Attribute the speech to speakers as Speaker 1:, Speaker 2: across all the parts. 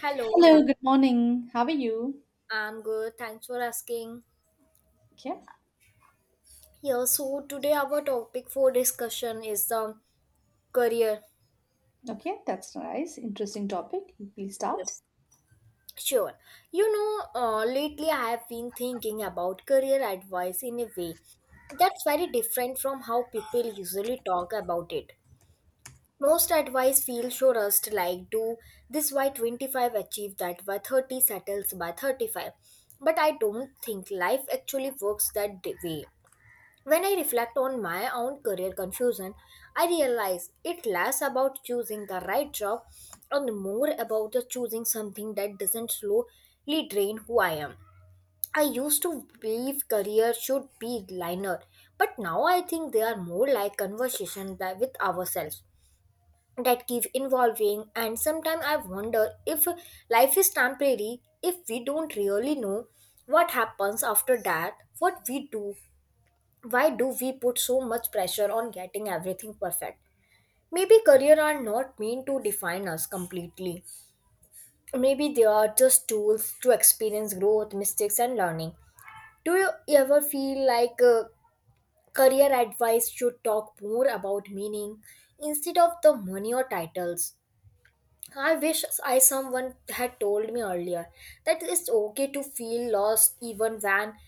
Speaker 1: Hello, how-
Speaker 2: Hello, good morning. How are you?
Speaker 1: I'm good. Thanks for asking.
Speaker 2: Okay,
Speaker 1: Yeah, so today our topic for discussion is the career.
Speaker 2: okay, that's nice. Interesting topic. Please start.
Speaker 1: Yes. Sure. Lately I have been thinking about career advice in a way that's very different from how people usually talk about it. Most advice feels so rushed, like do this by 25, achieve that by 30, settles by 35. But I don't think life actually works that way. When I reflect on my own career confusion, I realize it less about choosing the right job and more about the choosing something that doesn't slowly drain who I am. I used to believe career should be linear, but now I think they are more like conversations that with ourselves that keep evolving, and sometimes I wonder if life is temporary, if we don't really know what happens after that, what we do, why do we put so much pressure on getting everything perfect. Maybe career are not meant to define us completely. Maybe they are just tools to experience growth, mistakes, and learning. Do you ever feel like career advice should talk more about meaning instead of the money or titles? I wish I someone had told me earlier that it's okay to feel lost even when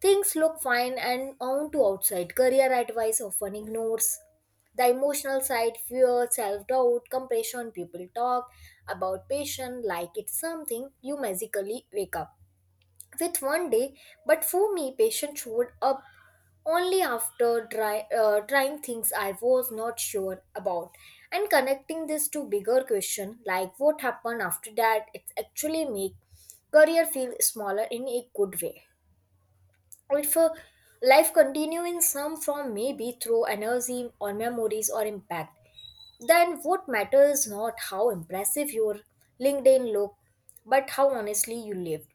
Speaker 1: things look fine and on to outside. Career advice often ignores the emotional side, fear, self-doubt, compassion. People talk about passion like it's something you magically wake up with one day, but for me, patience showed up only after dry, trying things I was not sure about. And connecting this to bigger question like what happened after that, it actually make career feel smaller in a good way. If a life continue in some form, maybe through energy or memories or impact, then what matters not how impressive your LinkedIn look, but how honestly you lived.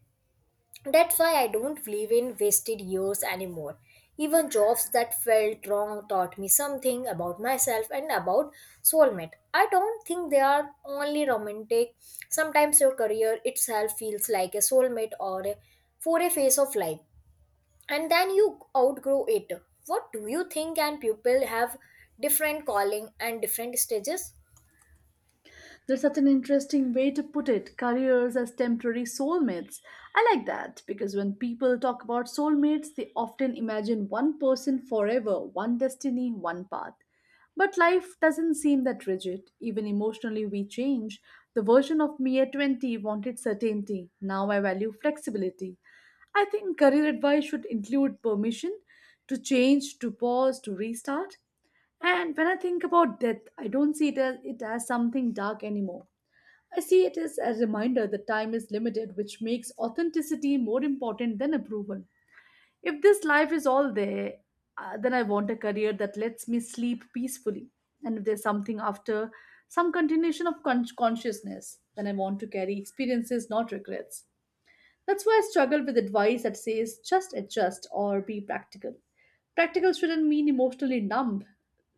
Speaker 1: That's why I don't believe in wasted years anymore. Even jobs that felt wrong taught me something about myself and about soulmate. I don't think they are only romantic. Sometimes your career itself feels like a soulmate or a, for a phase of life, and then you outgrow it. What do you think? And people have different calling and different stages.
Speaker 2: That's such an interesting way to put it, careers as temporary soulmates. I like that because when people talk about soulmates, they often imagine one person forever, one destiny, one path. But life doesn't seem that rigid. Even emotionally, we change. The version of me at 20 wanted certainty. Now I value flexibility. I think career advice should include permission to change, to pause, to restart. And when I think about death, I don't see it as something dark anymore. I see it as a reminder that time is limited, which makes authenticity more important than approval. If this life is all there, then I want a career that lets me sleep peacefully. And if there's something after, some continuation of consciousness, then I want to carry experiences, not regrets. That's why I struggle with advice that says just adjust or be practical. Practical shouldn't mean emotionally numb.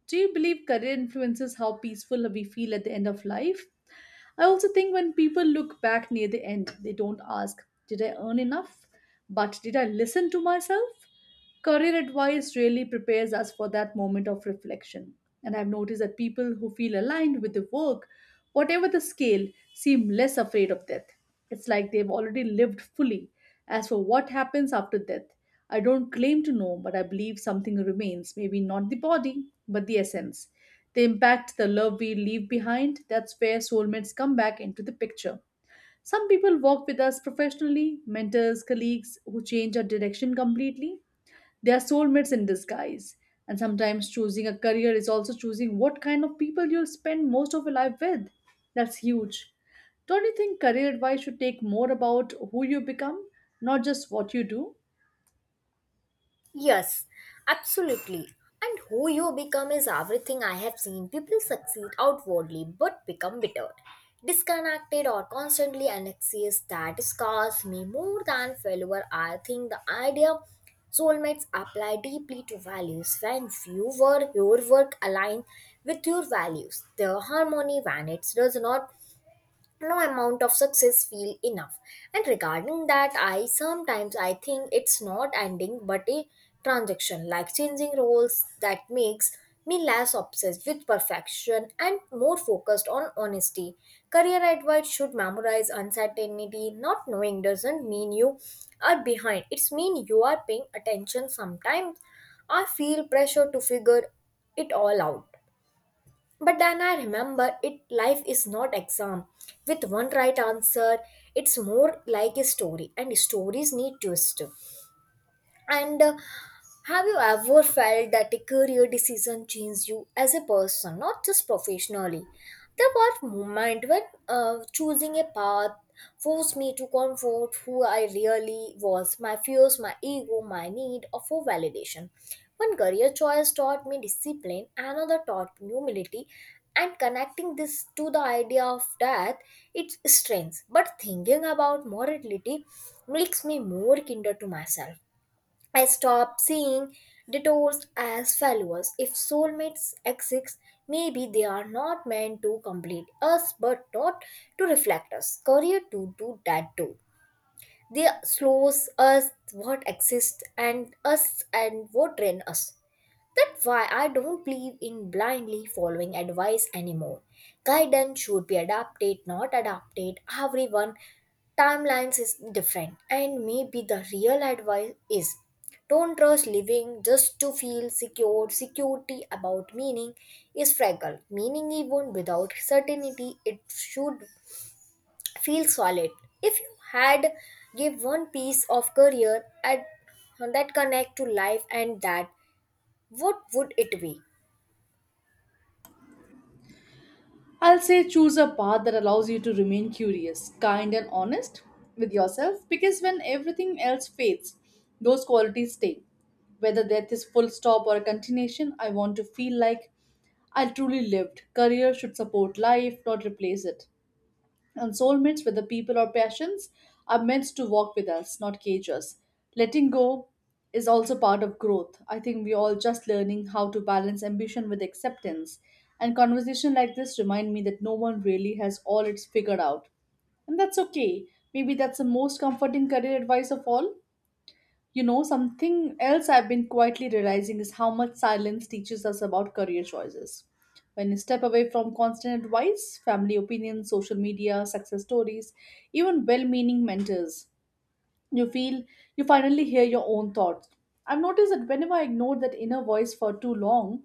Speaker 2: Do you believe career influences how peaceful we feel at the end of life? I also think when people look back near the end, they don't ask, did I earn enough? But did I listen to myself? Career advice really prepares us for that moment of reflection. And I've noticed that people who feel aligned with the work, whatever the scale, seem less afraid of death. It's like they've already lived fully. As for what happens after death, I don't claim to know, but I believe something remains. Maybe not the body, but the essence, the impact, the love we leave behind. That's where soulmates come back into the picture. Some people walk with us professionally, mentors, colleagues who change our direction completely. They are soulmates in disguise. And sometimes choosing a career is also choosing what kind of people you'll spend most of your life with. That's huge. Don't you think career advice should take more about who you become, not just what you do?
Speaker 1: Yes, absolutely. And who you become is everything. I have seen people succeed outwardly but become bitter, disconnected, or constantly anxious. That scars me more than failure. I think the idea soulmates apply deeply to values. When you were your work aligned with your values, the harmony. When it does not, no amount of success feel enough. And regarding that, I sometimes I think it's not ending but a transaction, like changing roles, that makes me less obsessed with perfection and more focused on honesty. Career advice should memorize uncertainty. Not knowing doesn't mean you are behind, it's mean you are paying attention. Sometimes I feel pressure to figure it all out, but then I remember it life is not exam with one right answer. It's more like a story and stories need twist. And Have you ever felt that a career decision changed you as a person, not just professionally? There was a moment when choosing a path forced me to confront who I really was, my fears, my ego, my need of for validation. One career choice taught me discipline, another taught me humility, and connecting this to the idea of death, it's strength. But thinking about mortality makes me more kinder to myself. I stopped seeing detours as failures. If soulmates exist, maybe they are not meant to complete us but not to reflect us. Career to do that too. They slows us what exists and us and what drain us. That's why I don't believe in blindly following advice anymore. Guidance should be adapted, not adapted. Everyone timelines is different, and maybe the real advice is don't trust living just to feel secure. Security about meaning is fragile. Meaning even without certainty, it should feel solid. If you had give one piece of career at that connect to life and that what would it be?
Speaker 2: I'll say choose a path that allows you to remain curious, kind, and honest with yourself, because when everything else fades, those qualities stay. Whether death is full stop or a continuation, I want to feel like I truly lived. Career should support life, not replace it. And soulmates, whether people or passions, are meant to walk with us, not cage us. Letting go is also part of growth. I think we all just learning how to balance ambition with acceptance. And conversation like this remind me that no one really has all it's figured out. And that's okay. Maybe that's the most comforting career advice of all. You know, something else I've been quietly realizing is how much silence teaches us about career choices. When you step away from constant advice, family opinions, social media, success stories, even well meaning mentors, you feel you finally hear your own thoughts. I've noticed that whenever I ignore that inner voice for too long,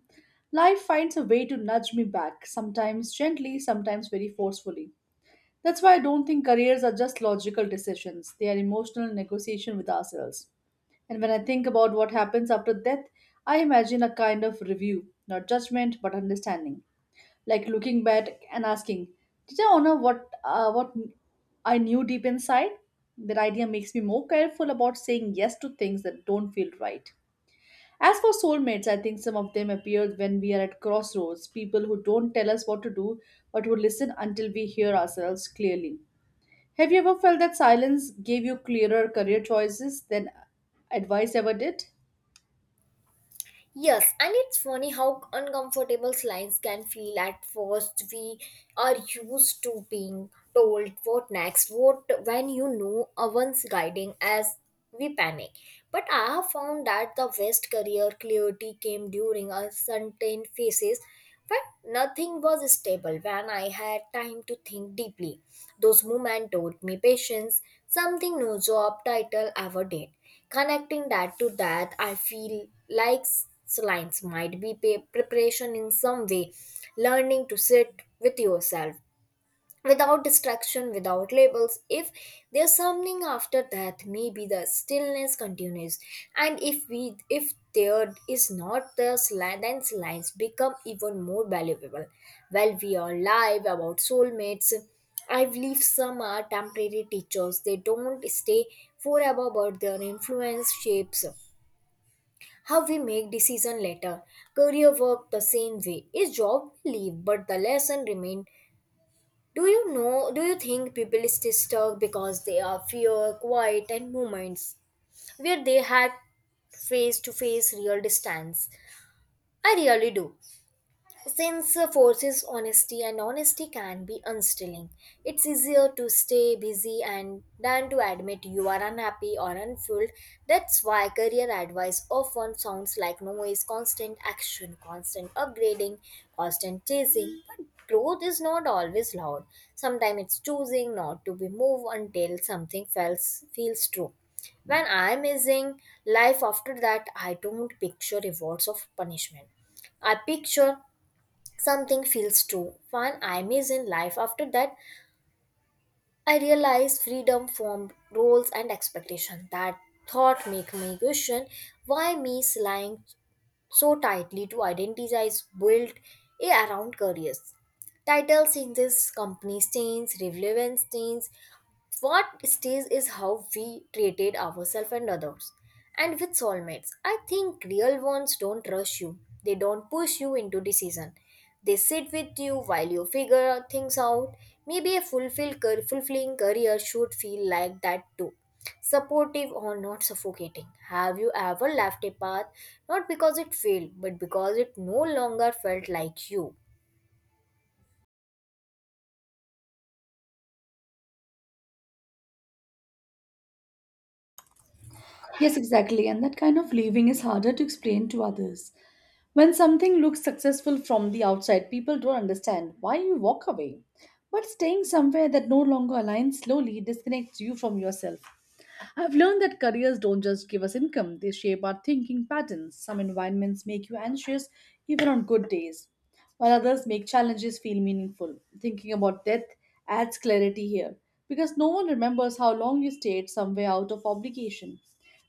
Speaker 2: life finds a way to nudge me back, sometimes gently, sometimes very forcefully. That's why I don't think careers are just logical decisions, they are emotional negotiation with ourselves. And when I think about what happens after death, I imagine a kind of review, not judgment, but understanding. Like looking back and asking, did I honor what I knew deep inside? That idea makes me more careful about saying yes to things that don't feel right. As for soulmates, I think some of them appear when we are at crossroads, people who don't tell us what to do, but who listen until we hear ourselves clearly. Have you ever felt that silence gave you clearer career choices than advice ever did?
Speaker 1: Yes, and it's funny how uncomfortable lines can feel at first. We are used to being told what next, what when you know one's guiding as we panic. But I have found that the best career clarity came during uncertain phases, when nothing was stable, when I had time to think deeply. Those moments taught me patience, something no job title ever did. Connecting that to that, I feel like lines might be preparation in some way, learning to sit with yourself without distraction, without labels. If there's something after that, maybe the stillness continues. And if we if there is not the sli- then lines become even more valuable. While we are live about soulmates, I believe some are temporary teachers. They don't stay forever, but their influence shapes how we make decision later. Career work the same way. Is job will leave, but the lesson remain. Do you think people stay stuck because they are fear, quiet, and moments where they had face to face real distance? I really do. Since forces honesty and honesty can be unstilling, it's easier to stay busy and than to admit you are unhappy or unfulfilled. That's why career advice often sounds like noise, constant action, constant upgrading, constant chasing. But growth is not always loud. Sometimes it's choosing not to be moved until something feels true. When I am missing life after that, I don't picture rewards of punishment. I picture something feels true. When I is in life after that, I realize freedom from roles and expectation. That thought make me question why me lying so tightly to identities built around careers. Titles in this company change, relevance change. What stays is how we treated ourselves and others. And with soulmates, I think real ones don't rush you. They don't push you into decision. They sit with you while you figure things out. Maybe a fulfilling career should feel like that too. Supportive or not suffocating. Have you ever left a path not because it failed, but because it no longer felt like you?
Speaker 2: Yes, exactly. And that kind of leaving is harder to explain to others. When something looks successful from the outside, people don't understand why you walk away. But staying somewhere that no longer aligns slowly disconnects you from yourself. I've learned that careers don't just give us income, they shape our thinking patterns. Some environments make you anxious even on good days, while others make challenges feel meaningful. Thinking about death adds clarity here because no one remembers how long you stayed somewhere out of obligation.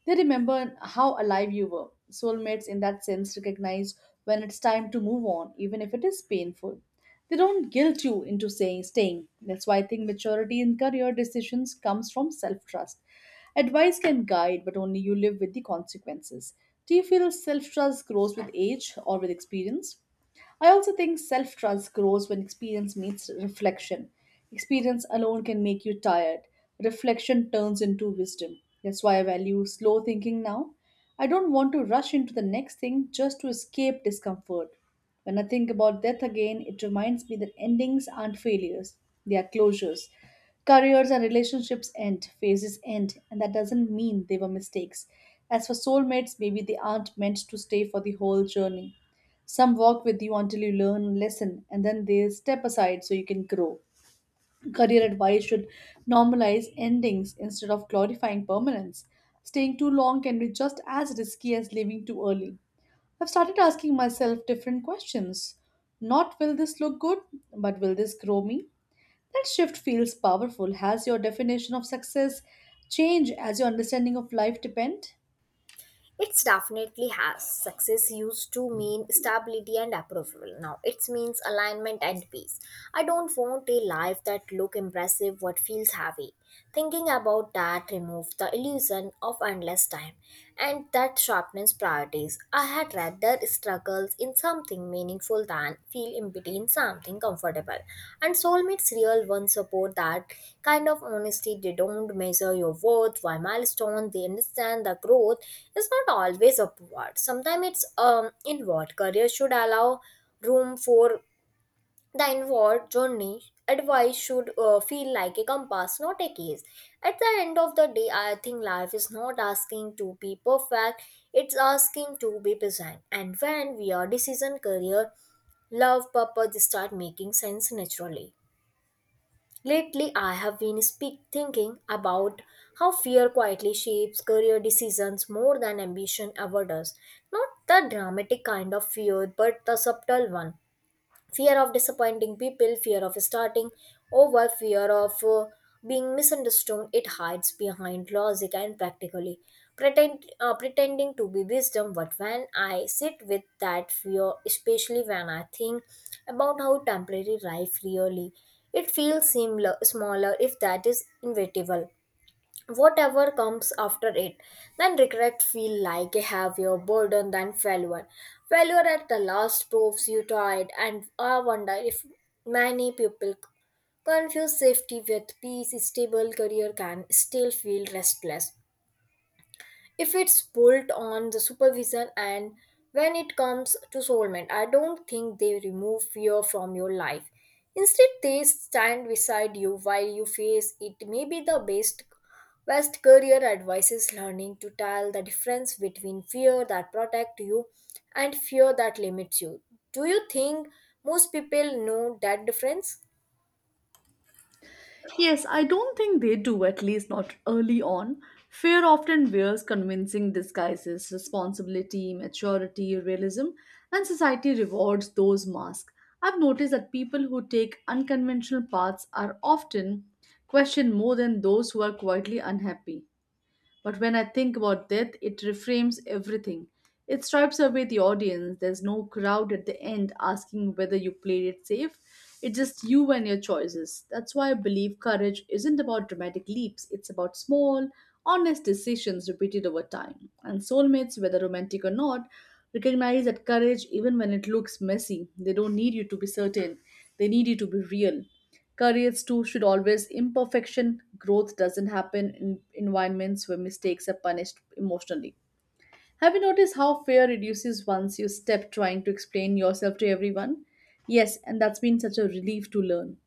Speaker 2: They remember how alive you were. Soulmates, in that sense, recognize when it's time to move on, even if it is painful. They don't guilt you into saying staying. That's why I think maturity in career decisions comes from self trust. Advice can guide, but only you live with the consequences. Do you feel self trust grows with age or with experience? I also think self trust grows when experience meets reflection. Experience alone can make you tired. Reflection turns into wisdom. That's why I value slow thinking now. I don't want to rush into the next thing just to escape discomfort. When I think about death again, it reminds me that endings aren't failures, they are closures. Careers and relationships end, phases end, and that doesn't mean they were mistakes. As for soulmates, maybe they aren't meant to stay for the whole journey. Some walk with you until you learn a lesson and then they step aside so you can grow. Career advice should normalize endings instead of glorifying permanence. Staying too long can be just as risky as leaving too early. I've started asking myself different questions. Not will this look good, but will this grow me? That shift feels powerful. Has your definition of success changed as your understanding of life depend?
Speaker 1: It definitely has. Success used to mean stability and approval. Now it means alignment and peace. I don't want a life that look impressive but feels heavy. Thinking about that removes the illusion of endless time and that sharpens priorities. I had rather struggles in something meaningful than feel empty in something comfortable. And soulmates real ones support that kind of honesty. They don't measure your worth by milestone. They understand the growth is not always upward. Sometimes it's inward. Career should allow room for the inward journey. Advice should feel like a compass, not a case. At the end of the day, I think life is not asking to be perfect, it's asking to be present. And when we are decision, career, love, purpose start making sense naturally. Lately, I have been speak thinking about how fear quietly shapes career decisions more than ambition ever does. Not the dramatic kind of fear, but the subtle one, fear of disappointing people, fear of starting over, fear of being misunderstood. It hides behind logic and practically pretend, pretending to be wisdom. But when I sit with that fear, especially when I think about how temporary life really, it feels similar smaller. If that is inevitable whatever comes after it, then regret feel like a heavier burden than failure. Failure at the last proves you tried, and I wonder if many people confuse safety with peace. Stable career can still feel restless if it's built on the supervision. And when it comes to soulmate, I don't think they remove fear from your life. Instead they stand beside you while you face it. May be the best career advice is learning to tell the difference between fear that protect you and fear that limits you. Do you think most people know that difference?
Speaker 2: Yes, I don't think they do, at least not early on. Fear often wears convincing disguises, responsibility, maturity, realism, and society rewards those masks. I've noticed that people who take unconventional paths are often questioned more than those who are quietly unhappy. But when I think about death, it reframes everything. It stripes away the audience. There's no crowd at the end asking whether you played it safe. It's just you and your choices. That's why I believe courage isn't about dramatic leaps, it's about small, honest decisions repeated over time. And soulmates, whether romantic or not, recognize that courage, even when it looks messy, they don't need you to be certain, they need you to be real. Careers too should always imperfection. Growth doesn't happen in environments where mistakes are punished emotionally. Have you noticed how fear reduces once you stop trying to explain yourself to everyone? Yes, and that's been such a relief to learn.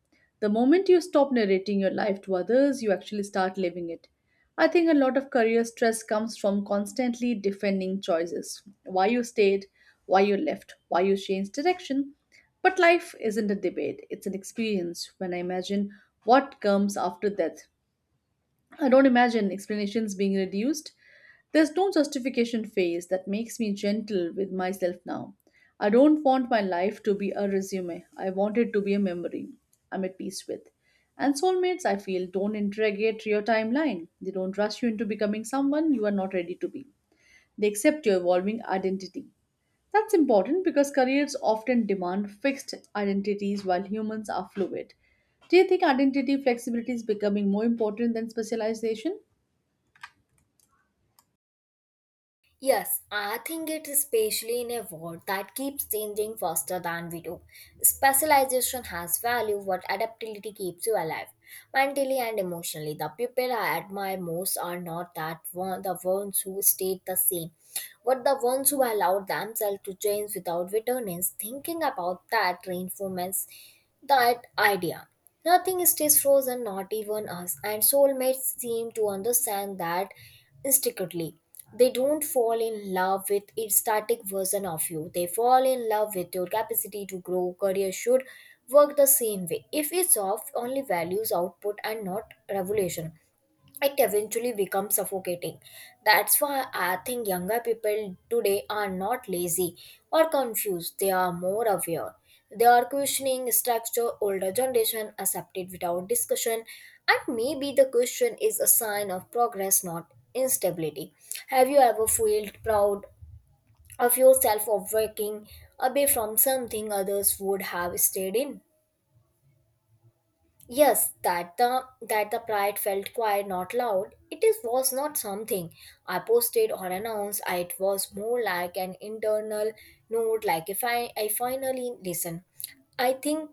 Speaker 2: The moment you stop narrating your life to others, you actually start living it. I think a lot of career stress comes from constantly defending choices why you stayed, why you left, why you changed direction. But life isn't a debate, it's an experience when I imagine what comes after death. I don't imagine explanations being reduced. There's no justification phase that makes me gentle with myself now. I don't want my life to be a resume. I want it to be a memory I'm at peace with. And soulmates, I feel, don't interrogate your timeline. They don't rush you into becoming someone you are not ready to be. They accept your evolving identity. That's important because careers often demand fixed identities while humans are fluid. Do you think identity flexibility is becoming more important than specialization?
Speaker 1: Yes, I think it is, especially in a world that keeps changing faster than we do. Specialization has value, but adaptability keeps you alive. Mentally and emotionally, the people I admire most are not that one, the ones who stayed the same, but the ones who allowed themselves to change without bitterness. Thinking about that reinforces that idea. Nothing stays frozen, not even us, and soulmates seem to understand that instinctively. They don't fall in love with a static version of you. They fall in love with your capacity to grow. Career should work the same way. If it's off, only values output and not revolution, it eventually becomes suffocating. That's why I think younger people today are not lazy or confused, they are more aware. They are questioning structure older generation accepted without discussion, and maybe the question is a sign of progress, not instability. Have you ever felt proud of yourself of working away from something others would have stayed in? Yes, that the pride felt quiet, not loud. It is was not something I posted or announced. It was more like an internal note, like if I finally listen. I think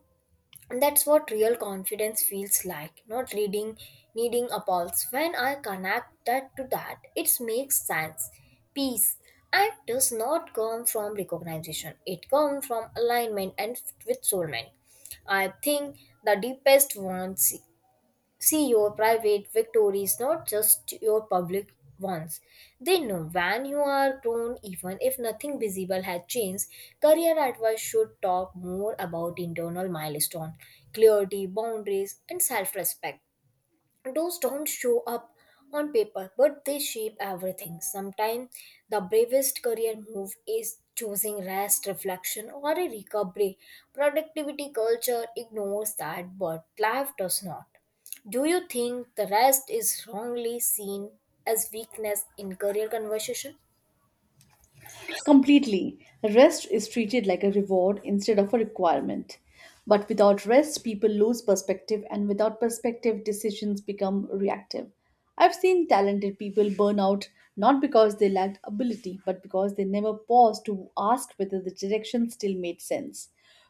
Speaker 1: and that's what real confidence feels like, not reading, needing a pulse. When I connect that to that, it makes sense. Peace and does not come from recognition, it comes from alignment and with soulmate. I think the deepest ones see your private victories, not just your public ones. They know when you are grown, even if nothing visible has changed. Career advice should talk more about internal milestone, clarity, boundaries, and self respect. Those don't show up on paper, but they shape everything. Sometimes the bravest career move is choosing rest, reflection, or a recovery. Productivity culture ignores that, but life does not. Do you think the rest is wrongly seen as weakness in career conversation?
Speaker 2: Completely. Rest is treated like a reward instead of a requirement. But without rest, people lose perspective, and without perspective, decisions become reactive. I've seen talented people burn out not because they lacked ability, but because they never paused to ask whether the direction still made sense.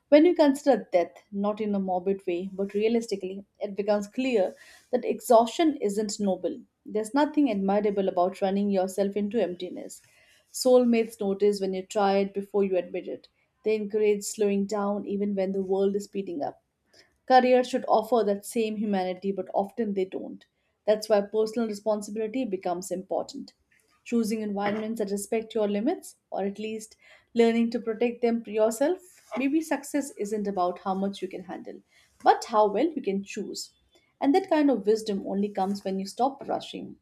Speaker 2: When you consider death, not in a morbid way, but realistically, it becomes clear that exhaustion isn't noble. There's nothing admirable about running yourself into emptiness. Soulmates notice when you try it before you admit it. They encourage slowing down even when the world is speeding up. Careers should offer that same humanity, but often they don't. That's why personal responsibility becomes important. Choosing environments that respect your limits, or at least learning to protect them yourself, maybe success isn't about how much you can handle, but how well you can choose. And that kind of wisdom only comes when you stop rushing.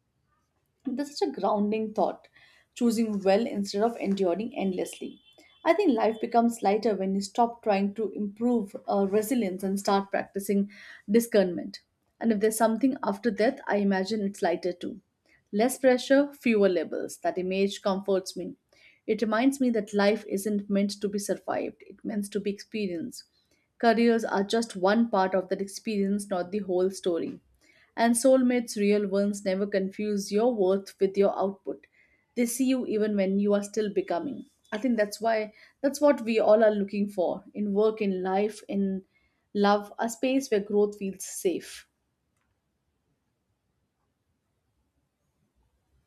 Speaker 2: That's such a grounding thought, choosing well instead of enduring endlessly. I think life becomes lighter when you stop trying to improve resilience and start practicing discernment. And if there's something after death, I imagine it's lighter too. Less pressure, fewer labels. That image comforts me. It reminds me that life isn't meant to be survived, it's meant to be experienced. Careers are just one part of that experience, not the whole story. And soulmates, real ones, never confuse your worth with your output. They see you even when you are still becoming. I think that's what we all are looking for in work, in life, in love, a space where growth feels safe.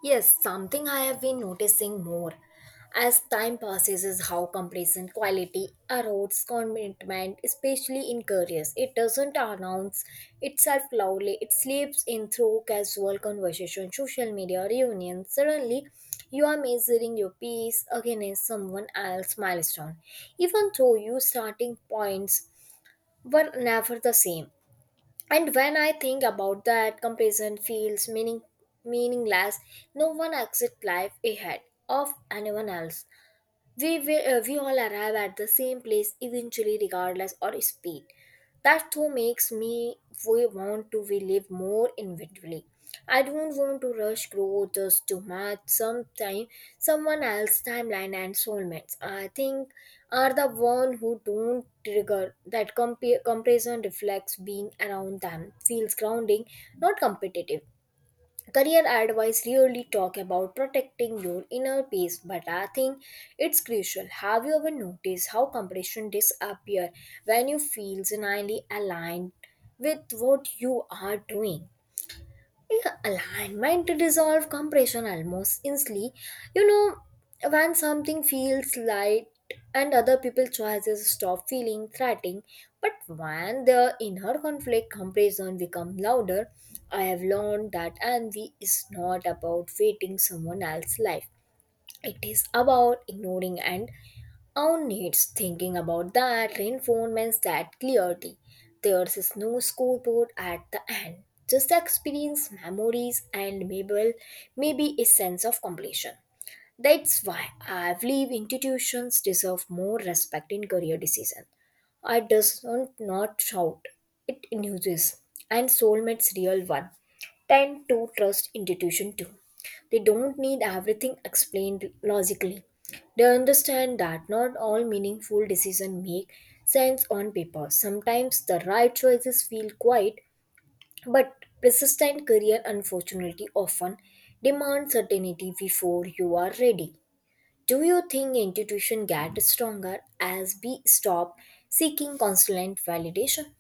Speaker 1: Yes, something I have been noticing more as time passes is how comparison quality erodes commitment, especially in careers. It doesn't announce itself loudly, it slips in through casual conversation, social media, reunions. Suddenly, you are measuring your peace against someone else's milestone, even though your starting points were never the same. And when I think about that, comparison feels meaningless. No one exits life ahead of anyone else. We we all arrive at the same place eventually, regardless or speed. That too makes me, we want to, we live more individually. I don't want to rush growth just to match sometime someone else's timeline and soulmates. I think are the one who don't trigger that comparison reflects. Being around them feels grounding, not competitive. Career advice really talk about protecting your inner peace, but I think it's crucial. Have you ever noticed how competition disappear when you feel genuinely aligned with what you are doing? Yeah, alignment to dissolve compression almost instantly. You know, when something feels light and other people's choices stop feeling threatening, but when the inner conflict compression become louder, I have learned that envy is not about waiting someone else's life. It is about ignoring and own needs. Thinking about that reinforcements that clarity. There is no scoreboard at the end. Just the experience, memories, and maybe, maybe a sense of completion. That's why I believe institutions deserve more respect in career decision. I does not not shout. It induces, and soulmates real one tend to trust institution too. They don't need everything explained logically. They understand that not all meaningful decisions make sense on paper. Sometimes the right choices feel quiet, but persistent. Career unfortunately often demand certainty before you are ready. Do you think institutions get stronger as we stop seeking constant validation?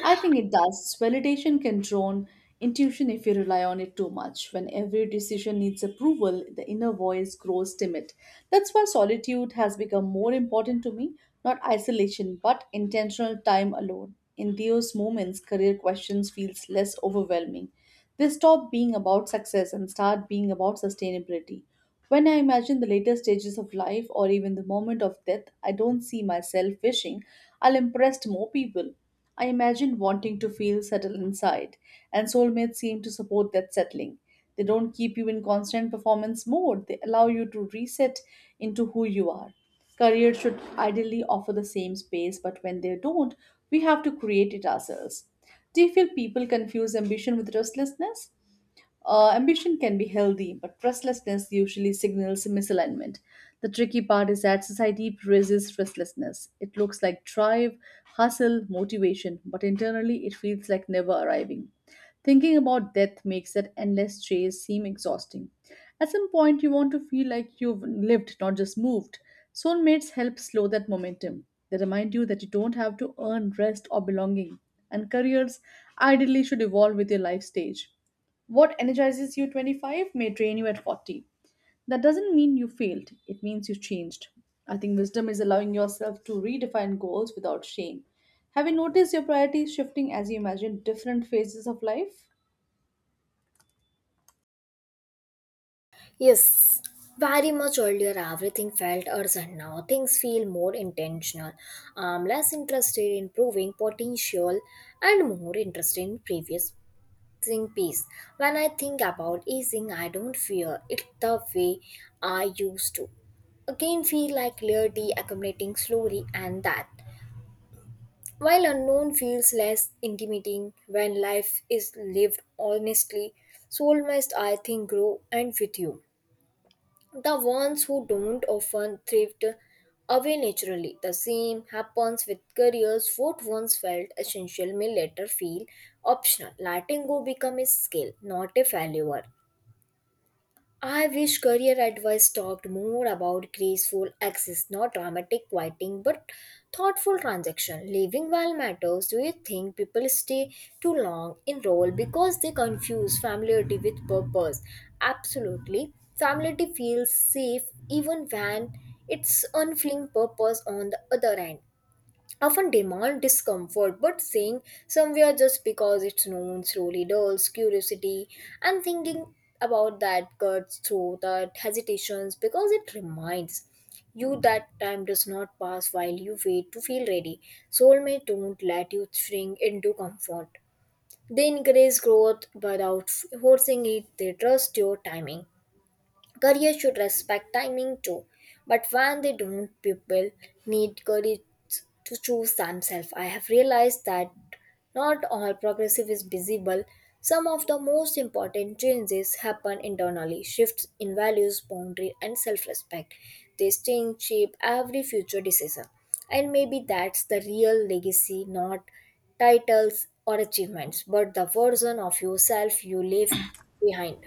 Speaker 2: I think it does. Validation can drown intuition if you rely on it too much. When every decision needs approval, the inner voice grows timid. That's why solitude has become more important to me, not isolation, but intentional time alone. In those moments, career questions feels less overwhelming. They stop being about success and start being about sustainability. When I imagine the later stages of life or even the moment of death, I don't see myself wishing I'll impress more people. I imagine wanting to feel settled inside, and soulmates seem to support that settling. They don't keep you in constant performance mode, they allow you to reset into who you are. Careers should ideally offer the same space, but when they don't, we have to create it ourselves. Do you feel people confuse ambition with restlessness? Ambition can be healthy, but restlessness usually signals misalignment. The tricky part is that society praises restlessness. It looks like drive, hustle, motivation, but internally it feels like never arriving. Thinking about death makes that endless chase seem exhausting. At some point, you want to feel like you've lived, not just moved. Soulmates help slow that momentum. They remind you that you don't have to earn rest or belonging, and careers ideally should evolve with your life stage. What energizes you 25 may drain you at 40. That doesn't mean you failed, it means you changed. I think wisdom is allowing yourself to redefine goals without shame. Have you noticed your priorities shifting as you imagine different phases of life?
Speaker 1: Yes, very much earlier everything felt urgent. Now things feel more intentional. I'm less interested in proving potential and more interested in previous thing peace. When I think about easing, I don't fear it the way I used to. Again, feel like clarity accumulating slowly, and that while unknown feels less intimidating when life is lived honestly, soul must I think grow and with you. The ones who don't often thrift away naturally. The same happens with careers. What once felt essential may later feel optional. Letting go become a skill, not a failure. I wish career advice talked more about graceful access, not dramatic quieting, but thoughtful transaction. Living well matters. Do you think people stay too long in role because they confuse familiarity with purpose? Absolutely. Familiarity feels safe even when it's unfilling. Purpose on the other end often demand discomfort, but staying somewhere just because it's known slowly dulls curiosity. And thinking about that cuts through the hesitations, because it reminds you that time does not pass while you wait to feel ready. Soulmate don't let you shrink into comfort. They encourage growth without forcing it. They trust your timing. Careers should respect timing too, but when they don't, people need courage to choose themselves. I have realized that not all progressive is visible. Some of the most important changes happen internally, shifts in values, boundary, and self respect. These things shape every future decision. And maybe that's the real legacy, not titles or achievements, but the version of yourself you leave behind.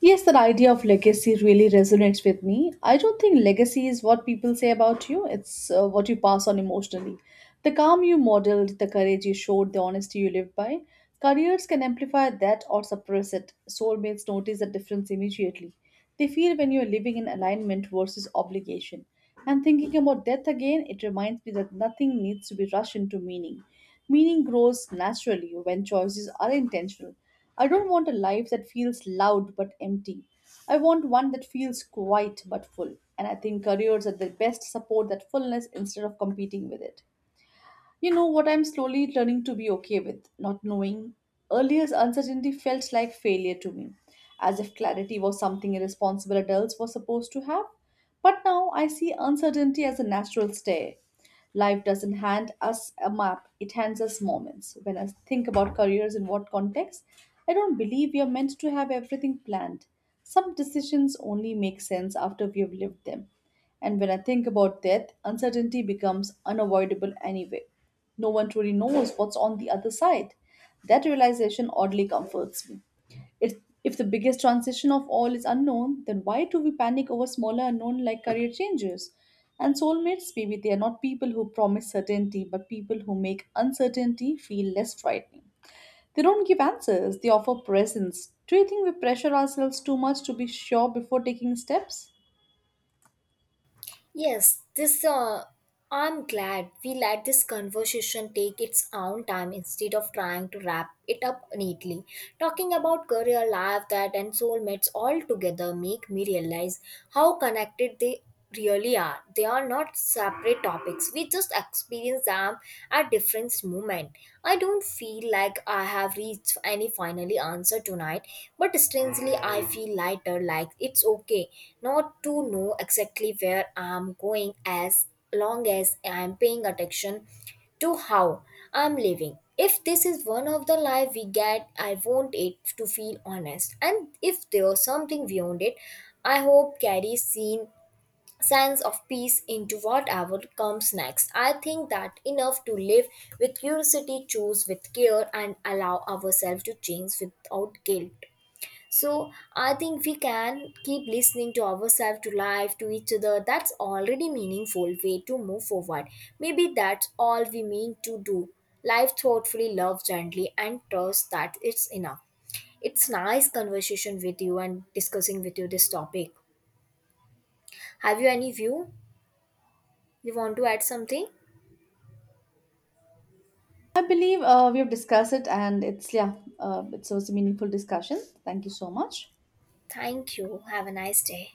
Speaker 2: Yes, that idea of legacy really resonates with me. I don't think legacy is what people say about you, it's what you pass on emotionally. The calm you modeled, the courage you showed, the honesty you lived by. Careers can amplify that or suppress it. Soulmates notice the difference immediately. They feel when you are living in alignment versus obligation. And thinking about death again, it reminds me that nothing needs to be rushed into meaning. Meaning grows naturally when choices are intentional. I don't want a life that feels loud but empty. I want one that feels quiet but full. And I think careers are the best support that fullness instead of competing with it. You know what I'm slowly learning to be okay with, not knowing. Earlier, uncertainty felt like failure to me, as if clarity was something irresponsible adults were supposed to have. But now I see uncertainty as a natural stare. Life doesn't hand us a map, it hands us moments. When I think about careers in what context, I don't believe we are meant to have everything planned. Some decisions only make sense after we have lived them. And when I think about death, uncertainty becomes unavoidable anyway. No one truly knows what's on the other side. That realization oddly comforts me. If, if the biggest transition of all is unknown, then why do we panic over smaller unknown like career changes? And soulmates, maybe they are not people who promise certainty, but people who make uncertainty feel less frightening. They don't give answers, they offer presence. Do you think we pressure ourselves too much to be sure before taking steps?
Speaker 1: Yes, this I'm glad we let this conversation take its own time instead of trying to wrap it up neatly. Talking about career, life, that, and soulmates all together make me realize how connected they really are. They are not separate topics. We just experience them at different moment. I don't feel like I have reached any finally answer tonight, but strangely I feel lighter, like it's okay not to know exactly where I'm going as long as I'm paying attention to how I'm living. If this is one of the life we get, I want it to feel honest. And if there's something beyond it, I hope carries seen sense of peace into whatever comes next. I think that enough to live with curiosity, choose with care, and allow ourselves to change without guilt. So I think we can keep listening to ourselves, to life, to each other. That's already meaningful way to move forward. Maybe that's all we mean to do. Life thoughtfully, love gently, and trust that it's enough. It's nice conversation with you and discussing with you this topic. Have you any view? You want to add something?
Speaker 2: I believe we have discussed it, and it's yeah, it was a meaningful discussion. Thank you so much.
Speaker 1: Thank you. Have a nice day.